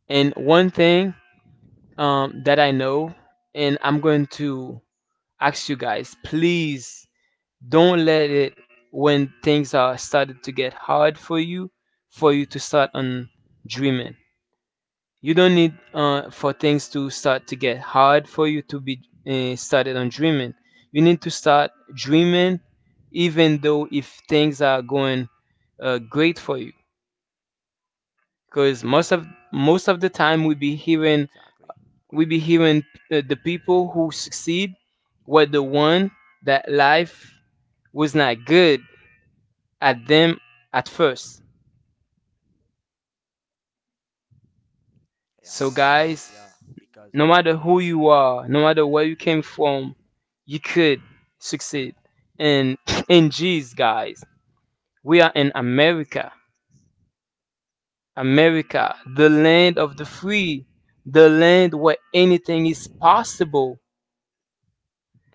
Speaker 1: And one thing um, that I know, and I'm going to ask you guys, please don't let it when things are started to get hard for you, for you to start on dreaming. You don't need uh, for things to start to get hard for you to be uh, started on dreaming. You need to start dreaming, even though if things are going uh, great for you, because most of most of the time we
Speaker 2: Yeah,
Speaker 1: be
Speaker 2: exactly.
Speaker 1: hearing
Speaker 2: Why?
Speaker 1: we be hearing uh, the people who succeed were the one that life was not good at them at first.
Speaker 2: Yeah,
Speaker 1: So
Speaker 2: man. Yeah,
Speaker 1: guys,
Speaker 2: because
Speaker 1: no matter
Speaker 2: uh,
Speaker 1: who you are, no matter where you came from, you could succeed. And in Jesus, guys, we are in America. America, the land of the free, the land where anything is possible.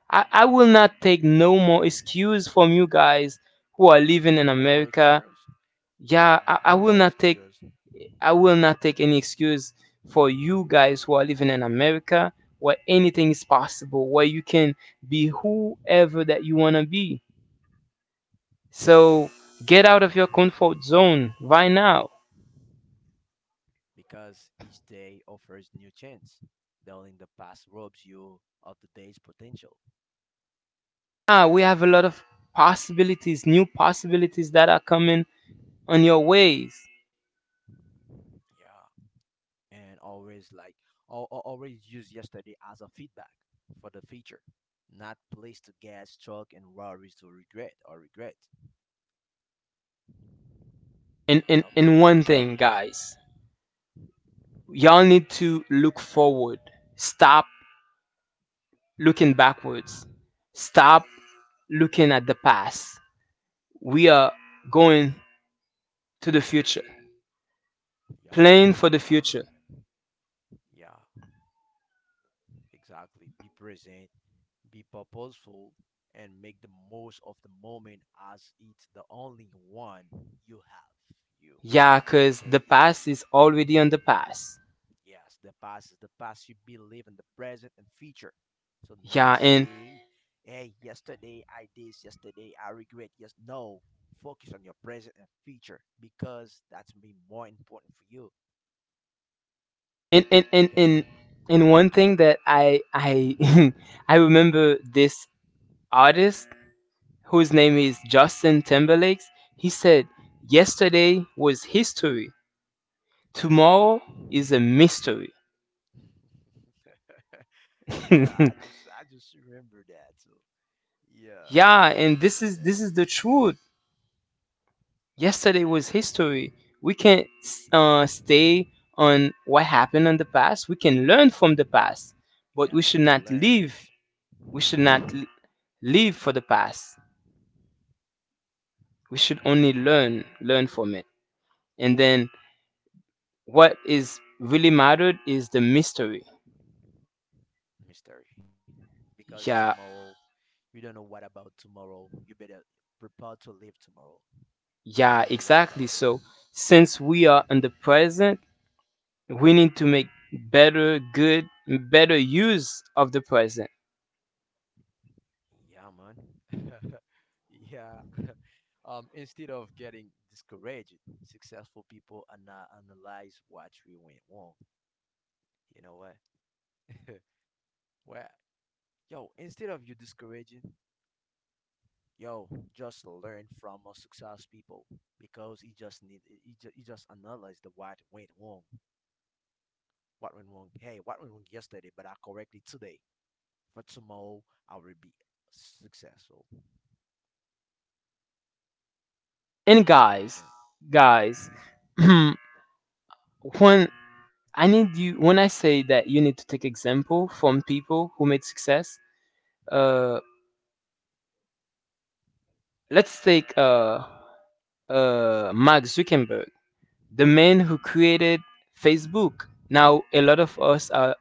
Speaker 1: I, I will not take no more excuse from you guys who are living in
Speaker 2: no more
Speaker 1: America.
Speaker 2: excuse,
Speaker 1: Yeah, I, I
Speaker 2: no
Speaker 1: will
Speaker 2: more
Speaker 1: not take
Speaker 2: excuse,
Speaker 1: I will not take any excuse for you guys who are living in America where anything is possible, where you can be whoever that you wanna be. So get out of your comfort zone right now.
Speaker 2: because each day offers new chance. Though in the past robs you of the day's potential.
Speaker 1: Ah, we have a lot of possibilities, new possibilities that are coming on your ways.
Speaker 2: Yeah, and always like al- al- always use yesterday as a feedback for the future, not place to get struck and worries to regret or regret.
Speaker 1: And and,
Speaker 2: You
Speaker 1: and
Speaker 2: know?
Speaker 1: one thing guys, y'all need to look forward. Stop looking backwards. Stop looking at the past. We are going to the future, planning for
Speaker 2: Yeah,
Speaker 1: the future.
Speaker 2: exactly, man. Yeah, exactly. Be present, be purposeful, and make the most of the moment as it's the only one you have. You
Speaker 1: Yeah, cause the
Speaker 2: okay?
Speaker 1: past is already on the past.
Speaker 2: Yes, the past is the past. You believe in the present and future. So
Speaker 1: Yeah, and
Speaker 2: not stay, hey, yesterday I did, yesterday I regret. Yes, no. Focus on your present and future because that's be more important for you.
Speaker 1: and and and and,
Speaker 2: Okay.
Speaker 1: and one thing that I I I remember this artist whose name is Justin Timberlake. He said, "Yesterday was history. Tomorrow is a mystery."
Speaker 2: Yeah, i just i just remember that. So
Speaker 1: Yeah,
Speaker 2: yeah, I
Speaker 1: and this
Speaker 2: just
Speaker 1: is this
Speaker 2: remember
Speaker 1: is the
Speaker 2: that.
Speaker 1: truth. Yesterday was history. We can't uh, stay on what happened in the past. We can learn from the past, but we should
Speaker 2: Yeah,
Speaker 1: not
Speaker 2: you will
Speaker 1: live.
Speaker 2: learn
Speaker 1: We should not l- Live for the past. We should only learn, learn from it. And then what is really mattered is the mystery.
Speaker 2: mystery because tomorrow
Speaker 1: Yeah,
Speaker 2: you don't know what about tomorrow. You better prepare to live tomorrow. You don't
Speaker 1: yeah,
Speaker 2: know what about
Speaker 1: exactly.
Speaker 2: it.
Speaker 1: So since we are in the present, we need to make better good better use of the present.
Speaker 2: Yeah, man. Yeah. Um, instead of getting discouraged, successful people are not analyze what we went wrong. You know what? Where yo, instead of you discouraging, yo, just learn from our success people because he just need he just, he just analyzed the what went wrong. What went wrong? Hey, what went wrong yesterday, but I correctly today. For tomorrow, I will be successful.
Speaker 1: And
Speaker 2: You know what
Speaker 1: guys
Speaker 2: I'm saying?
Speaker 1: Guys, when i need you when I say that you need to take example from people who made success, uh let's take uh uh Mark Zuckerberg, the man who created Facebook. Now a lot of us are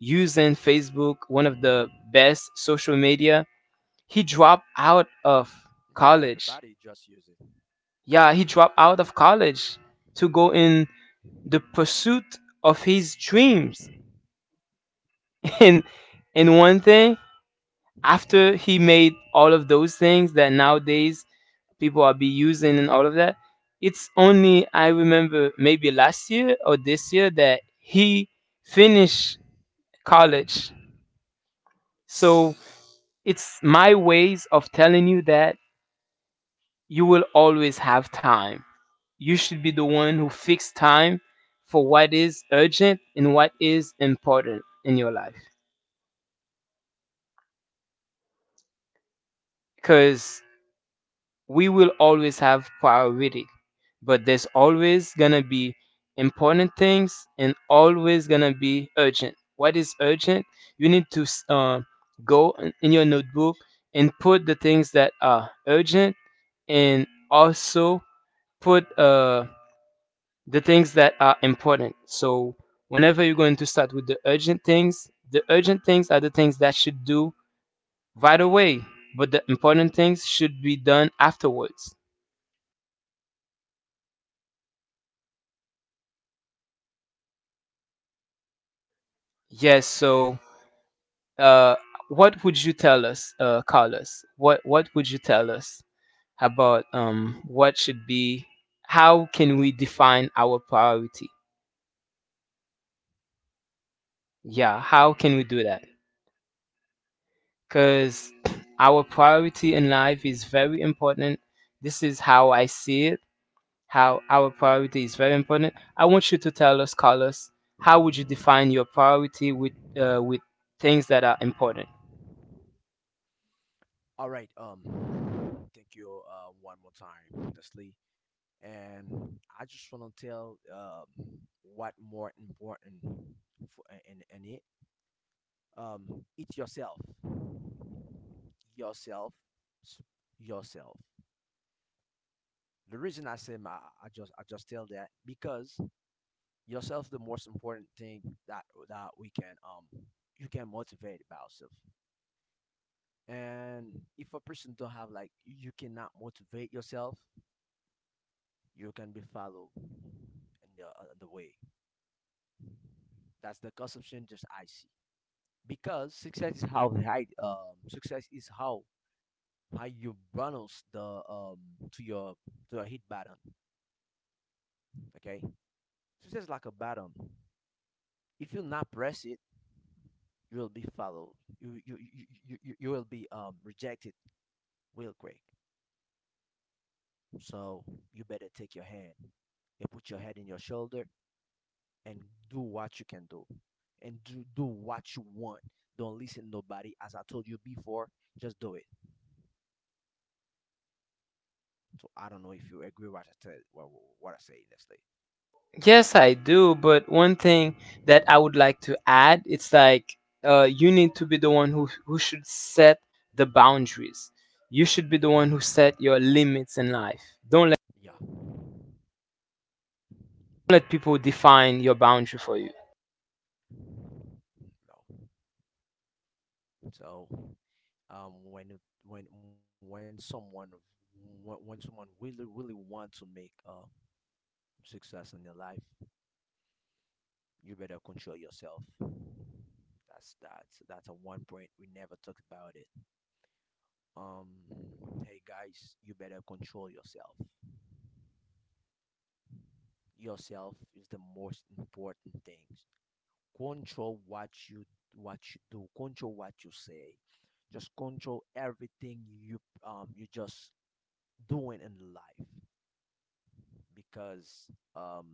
Speaker 1: using Facebook, one of the best social media. He dropped out of
Speaker 2: Yeah, everybody
Speaker 1: college.
Speaker 2: just use it. Yeah.
Speaker 1: Yeah, he dropped out of college to go in the pursuit of his dreams. And and one thing, after he made all of those things that nowadays people are be using and all of that, it's only I remember maybe last year or this year that he finished college. So it's my ways of telling you that you will always have time. You should be the one who fix time for what is urgent and what is important in your life, because we will always have priority, but there's always gonna be important things and always gonna be urgent. What is urgent, you need to s- uh, go in in your notebook and put the things that are urgent, and also put uh, the things that are important. So whenever you're going to start with the urgent things, the urgent things are the things that should do right away, but the important things should be done afterwards. Yes. So, uh, what would you tell us, uh, Carlos? What What would you tell us about um what should be? How can we define our priority? Yeah. How can we do that? Because our priority in life is very important. This is how I see it, how our priority is very important. I want you to tell us, Carlos, how would you define your priority with uh, with things that are important?
Speaker 2: All right. Um, thank you. Uh, one more time, Leslie. And I just want to tell um what more important for in in it. Um, it's yourself, yourself, yourself. The reason I say my, I just I just tell that because yourself the most important thing that that we can um you can motivate about yourself. And if a person don't have like you cannot motivate yourself, you can be followed in the, uh, the way. That's the consumption just I see. Because success is how high um success is how how you balance the um to your to your hit button. Okay, success is like a button. If you not press it, you will be followed. You you you, you, you you will be um rejected real quick. So you better take your hand and put your head in your shoulder and do what you can do. And do, do what you want. Don't listen to nobody. As I told you before, just do it. So I don't know if you agree with what I said. What, what I say next day.
Speaker 1: Yes, I do. But one thing that I would like to add, it's like uh, you need to be the one who who should set the boundaries. You should be
Speaker 2: Yeah,
Speaker 1: the one who set your limits in life. Don't let,
Speaker 2: yeah,
Speaker 1: don't let people define your boundary for you.
Speaker 2: no. So um, when when when someone when, when someone really really want to make uh success in their life, you better control yourself. That's that's that's a one point we never talked about it. Um, Hey guys, you better control yourself. Yourself is the most important thing. Control what you what you do. Control what you say. Just control everything you um you just doing in life because um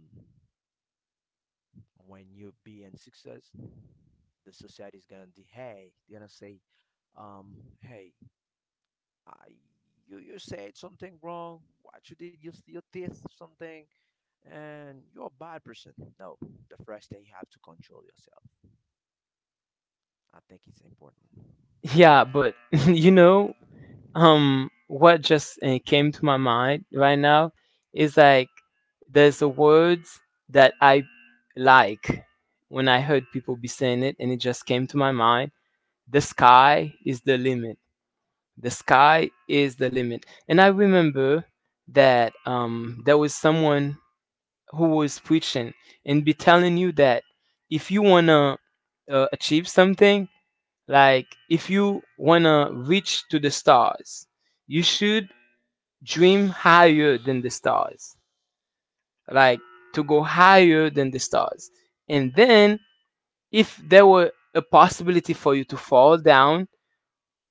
Speaker 2: when you be in success, the society is gonna be hey, they're gonna say um hey, I you you said something wrong. What you did you you did something and you're a bad person. No, the first thing you have to control yourself. I think it's important.
Speaker 1: Yeah, but you know, Um, what just uh, came to my mind right now is like there's a words that I like when I heard people be saying it, and it just came to my mind. The sky is the limit. The sky is the limit. And I remember that um, there was someone who was preaching and be telling you that if you wanna uh, achieve something, like if you wanna reach to the stars, you should dream higher than the stars, like to go higher than the stars. And then if there were a possibility for you to fall down,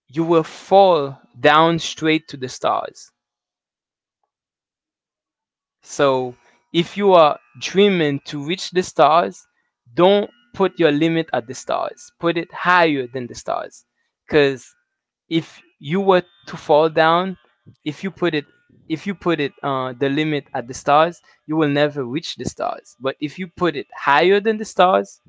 Speaker 1: you will fall down straight to the stars. So if
Speaker 2: Ye-
Speaker 1: you are dreaming to reach the stars,
Speaker 2: Yeah,
Speaker 1: don't put your limit at the stars, put it higher than the stars, because if you were to fall down, if
Speaker 2: exactly.
Speaker 1: you put it if you put it uh, the limit at the stars, you will never reach the stars. But if you put it higher than the stars,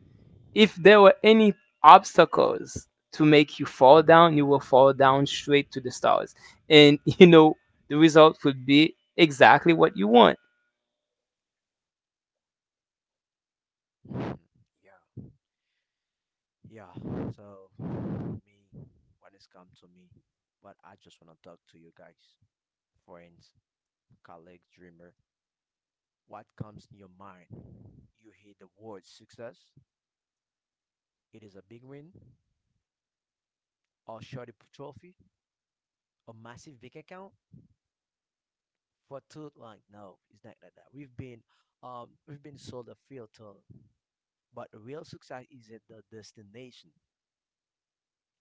Speaker 1: if there were any obstacles to make you fall down, you will fall down straight to the stars. And you know, the result would be exactly what you want.
Speaker 2: Mhm. Yeah, yeah. So, me, when it's come to me, but I just want to talk to you guys, friends, colleagues, dreamer. What comes in your mind? You hear the word success. It is a big win, or shorty p- trophy, a massive bank account, for too long. No, it's not like that. We've been um we've been sold a filter, but real success isn't the destination.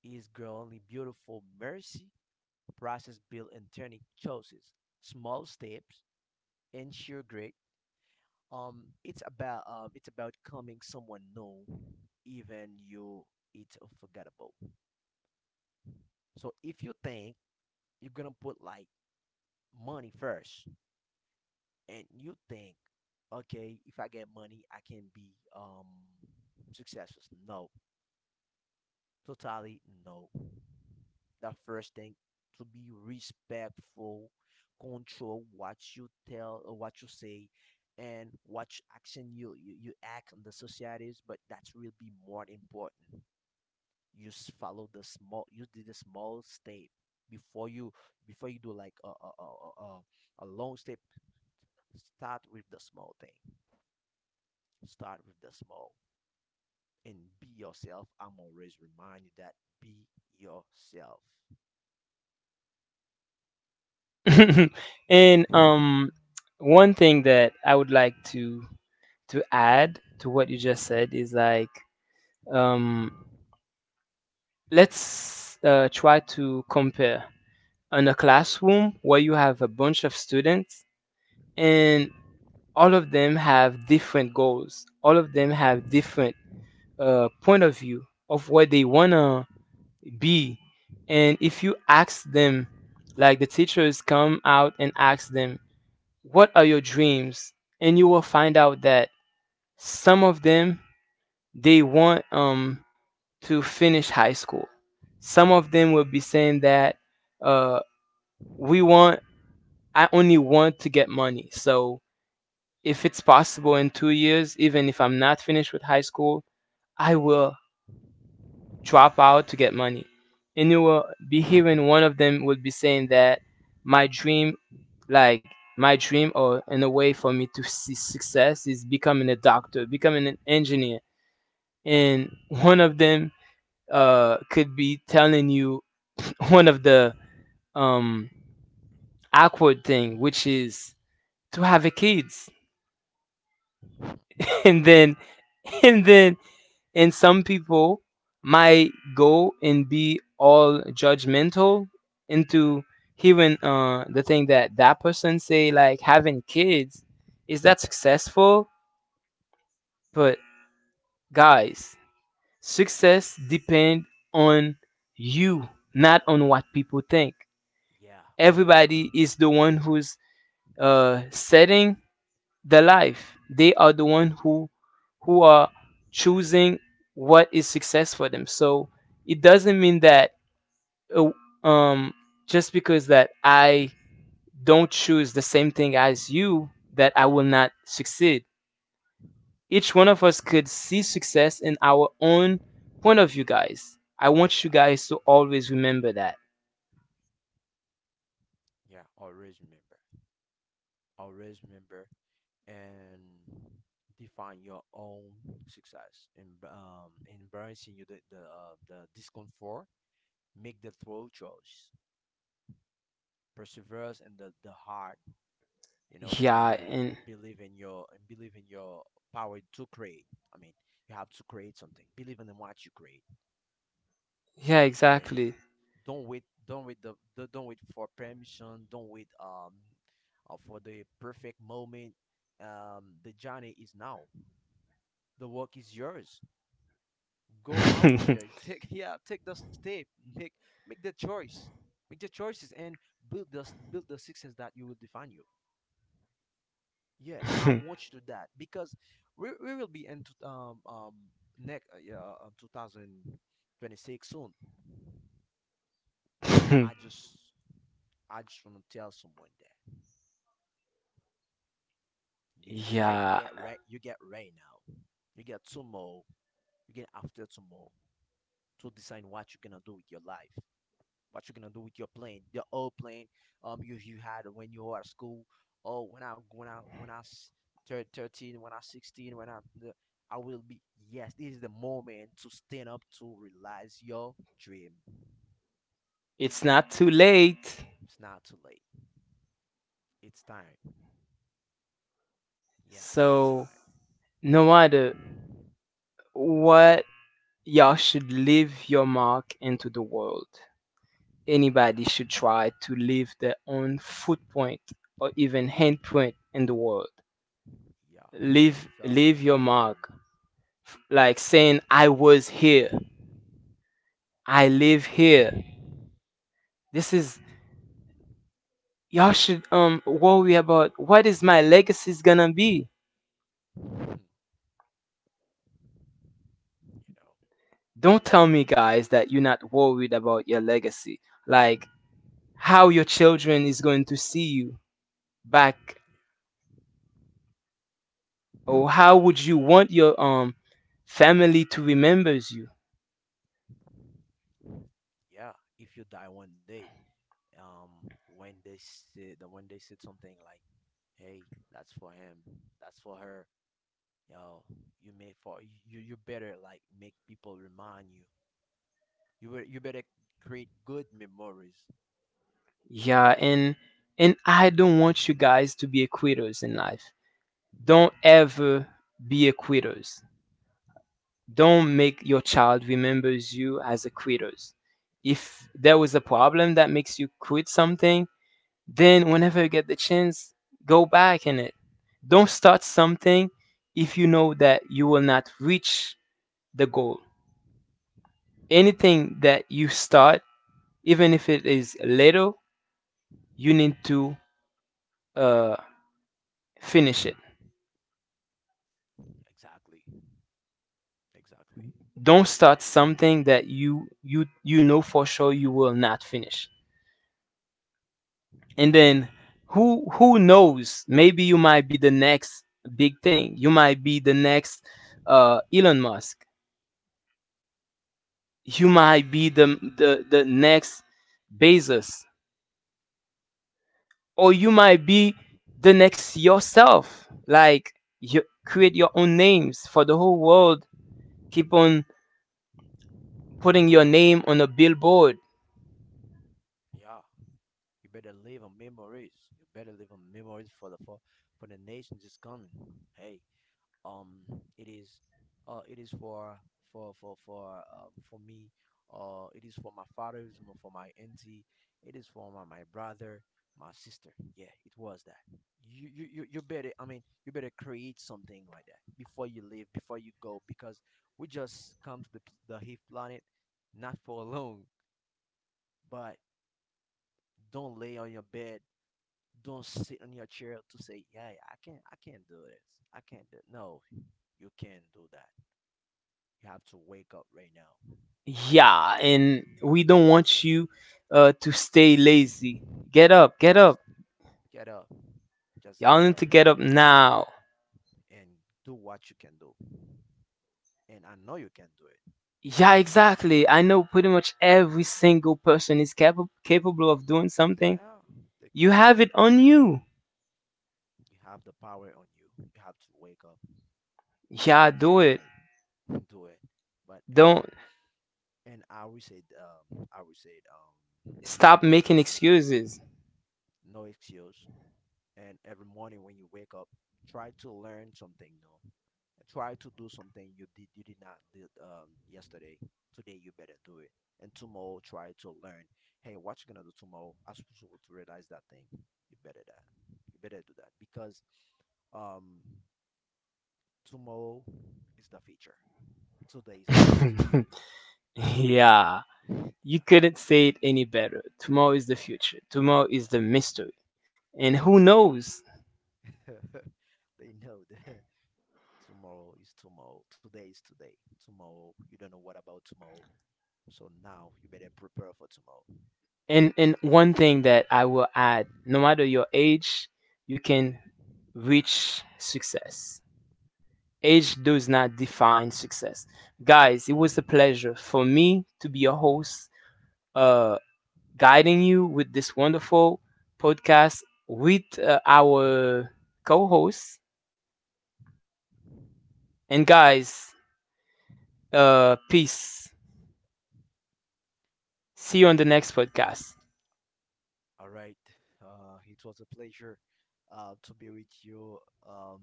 Speaker 2: It's growingly beautiful mercy, process built and turning choices, small steps, ensure great. Um, it's about um, it's about coming someone new, even you. It's forgettable. So if you think you're gonna put like money first, and you think, okay, if I get money, I can be um successful. No, totally no. The first thing to be respectful, control what you tell, or what you say, and what action you you, you act on the societies. But that will be more important. You s- follow the small. You did the small step before you before you do like a a a, a, a a long step. Start with the small thing. Start with the small and be yourself. I'm always remind you that be yourself.
Speaker 1: And um one thing that I would like to to add to what you just said is like, um let's uh, try to compare, in a classroom where you have a bunch of students, and all of them have different goals, all of them have different uh, point of view of what they want to be. And if you ask them, like the teachers come out and ask them, what are your dreams, and you will find out that some of them, they want um to finish high school. Some of them will be saying that, uh, we want, I only want to get money, so if it's possible in two years, even if I'm not finished with high school, I will drop out to get money. And you will be hearing one of them would be saying that my dream, like my dream, or in a way for me to see success, is becoming a doctor, becoming an engineer. And one of them uh, could be telling you one of the um, awkward thing, which is to have a kids. and then and then and some people might go and be all judgmental into hearing uh the thing that that person say, like having kids, is that successful? But guys, success depend on you, not on what people think.
Speaker 2: Yeah, on you.
Speaker 1: Everybody is the one who's uh setting their life. They are the one who who are choosing what is success for them. So it doesn't mean that, uh, um, just because that I don't choose the same thing as you, that I will not succeed. Each one of us could see success in our own point of view, guys. I want you
Speaker 2: Yeah,
Speaker 1: guys to always remember that.
Speaker 2: yeah. Always remember. Always remember and define your own success. And um, embracing you the the, uh, the discomfort. Make the throw choice. Persevere in the the heart. You know,
Speaker 1: Yeah,
Speaker 2: and
Speaker 1: and
Speaker 2: believe in your and believe in your power to create. I mean, you have to create something. Believe in what you create.
Speaker 1: yeah,
Speaker 2: Okay.
Speaker 1: exactly.
Speaker 2: Don't wait. Don't wait. The, the Don't wait for permission. Don't wait. Um, uh, for the perfect moment. Um, the journey is now. The work is yours. Go out there. Take yeah. Take the step. Make make the choice. Make the choices and build the build the success that you will define you. Yeah, I want you to that because we, we will be in t- um um next uh, yeah, uh, twenty twenty-six soon. I just I just want to tell someone that you right, you
Speaker 1: Yeah,
Speaker 2: get right, you get right now. You get tomorrow. You get after tomorrow to decide what you're gonna do with your life. What you're gonna do with your plan, your old plan, um, you you had when you were at school. Oh, when I when i when I thirteen, when I s- thir- thirteen, when I sixteen, when I I will be. Yes, this is the moment to stand up to realize your dream.
Speaker 1: it's not too late.
Speaker 2: It's not too late. It's time. Yeah, it's
Speaker 1: So,
Speaker 2: time.
Speaker 1: no matter what, y'all should leave your mark into the world.
Speaker 2: Yeah,
Speaker 1: Anybody should try to leave their own footprint or even handprint in the world.
Speaker 2: yeah. You
Speaker 1: Leave,
Speaker 2: fell.
Speaker 1: leave
Speaker 2: Try
Speaker 1: your
Speaker 2: again.
Speaker 1: mark. F- Like saying, I was here. I live here. This is, y'all should um worry about what is my legacy's gonna be.
Speaker 2: You know.
Speaker 1: Don't tell me, guys, that you're not worried about your legacy. Like, how your children is going to see you back,
Speaker 2: Yeah.
Speaker 1: or how would you want your um family to remembers you.
Speaker 2: Yeah, if you die one day um when they said the when they said something like, hey, that's for him, that's for her. You yo, you may for you you better like make people remind you. You were, you better create good memories.
Speaker 1: Yeah,
Speaker 2: Yeah,
Speaker 1: and and I don't want you guys to be quitters in life. Don't ever be a quitters. Don't make your child remembers you as a quitters. If
Speaker 2: oh,
Speaker 1: there was a problem that makes you quit something, then whenever you get the chance, go back in it. Don't start something if you know that you will not reach the goal. Anything that you start, even if it is little, you need to uh, finish it.
Speaker 2: exactly, exactly.
Speaker 1: Don't start something that you you you know for sure you will not finish. And then, who who knows? Maybe you might be the next big thing. You might be the next uh, Elon Musk. You might be the the the next Bezos, or you might be the next yourself. Like, you create your own names for the whole world. Keep on putting your name on a billboard.
Speaker 2: Yeah, you better live on memories. You better live on memories for the for, for the nations is coming. Hey, um it is uh it is for for for for um for me. Uh it is for my father. It's mo- for my auntie. It is for my, my brother, my sister. Yeah, it was that. You, you you you better, I mean, you better create something like that before you leave, before you go, because we just come to the, p- the heath planet not for long. But don't lay on your bed, don't sit on your chair to say, yeah, i can't i can't do this, I can't do. No, you can do that. You have to wake up right now.
Speaker 1: Yeah, and we don't want you uh, to stay lazy. Get up, get
Speaker 2: Thus,
Speaker 1: up.
Speaker 2: get up. Just
Speaker 1: Y'all
Speaker 2: get
Speaker 1: need
Speaker 2: up
Speaker 1: to get up now.
Speaker 2: and do what you can do. And I know you can do it.
Speaker 1: Yeah, exactly. I know pretty much every single person is capable capable of doing something.
Speaker 2: Yeah, they
Speaker 1: You
Speaker 2: can do
Speaker 1: have it
Speaker 2: it.
Speaker 1: on you.
Speaker 2: You have the power on you. You have to wake up.
Speaker 1: Yeah,
Speaker 2: Hey,
Speaker 1: do
Speaker 2: say
Speaker 1: it.
Speaker 2: hey, do it. But
Speaker 1: Don't
Speaker 2: and and I would say um I would say um you
Speaker 1: stop
Speaker 2: better
Speaker 1: making
Speaker 2: like
Speaker 1: excuses.
Speaker 2: no excuse. And every morning when you wake up, try to learn something new. Try to do something you did you did not did um yesterday. Today you better do it. And tomorrow try to learn. Hey, what you gonna do tomorrow? I'm supposed to realize that thing. You better that. You better do that because um tomorrow is the future. Today is the present.
Speaker 1: Yeah, you
Speaker 2: Yeah,
Speaker 1: couldn't say it any better. Tomorrow is the
Speaker 2: yeah,
Speaker 1: future. Tomorrow is
Speaker 2: yeah.
Speaker 1: the mystery. And
Speaker 2: The
Speaker 1: who
Speaker 2: mystery.
Speaker 1: knows?
Speaker 2: They know that. Tomorrow is tomorrow. Today is today. Tomorrow, you don't know what about tomorrow. So now you better prepare for tomorrow.
Speaker 1: And and one thing that I will add, no matter your age, you can reach success. Age does not define success. Guys, it was a pleasure for me to be your host, uh, guiding you with this wonderful podcast with uh, our co host. And guys, uh, peace. See you on the
Speaker 2: All
Speaker 1: next
Speaker 2: right.
Speaker 1: podcast.
Speaker 2: Uh, it was a pleasure uh, to be with you, um, Nestle. I'll see you on the next podcast.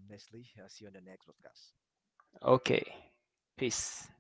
Speaker 1: Okay, peace.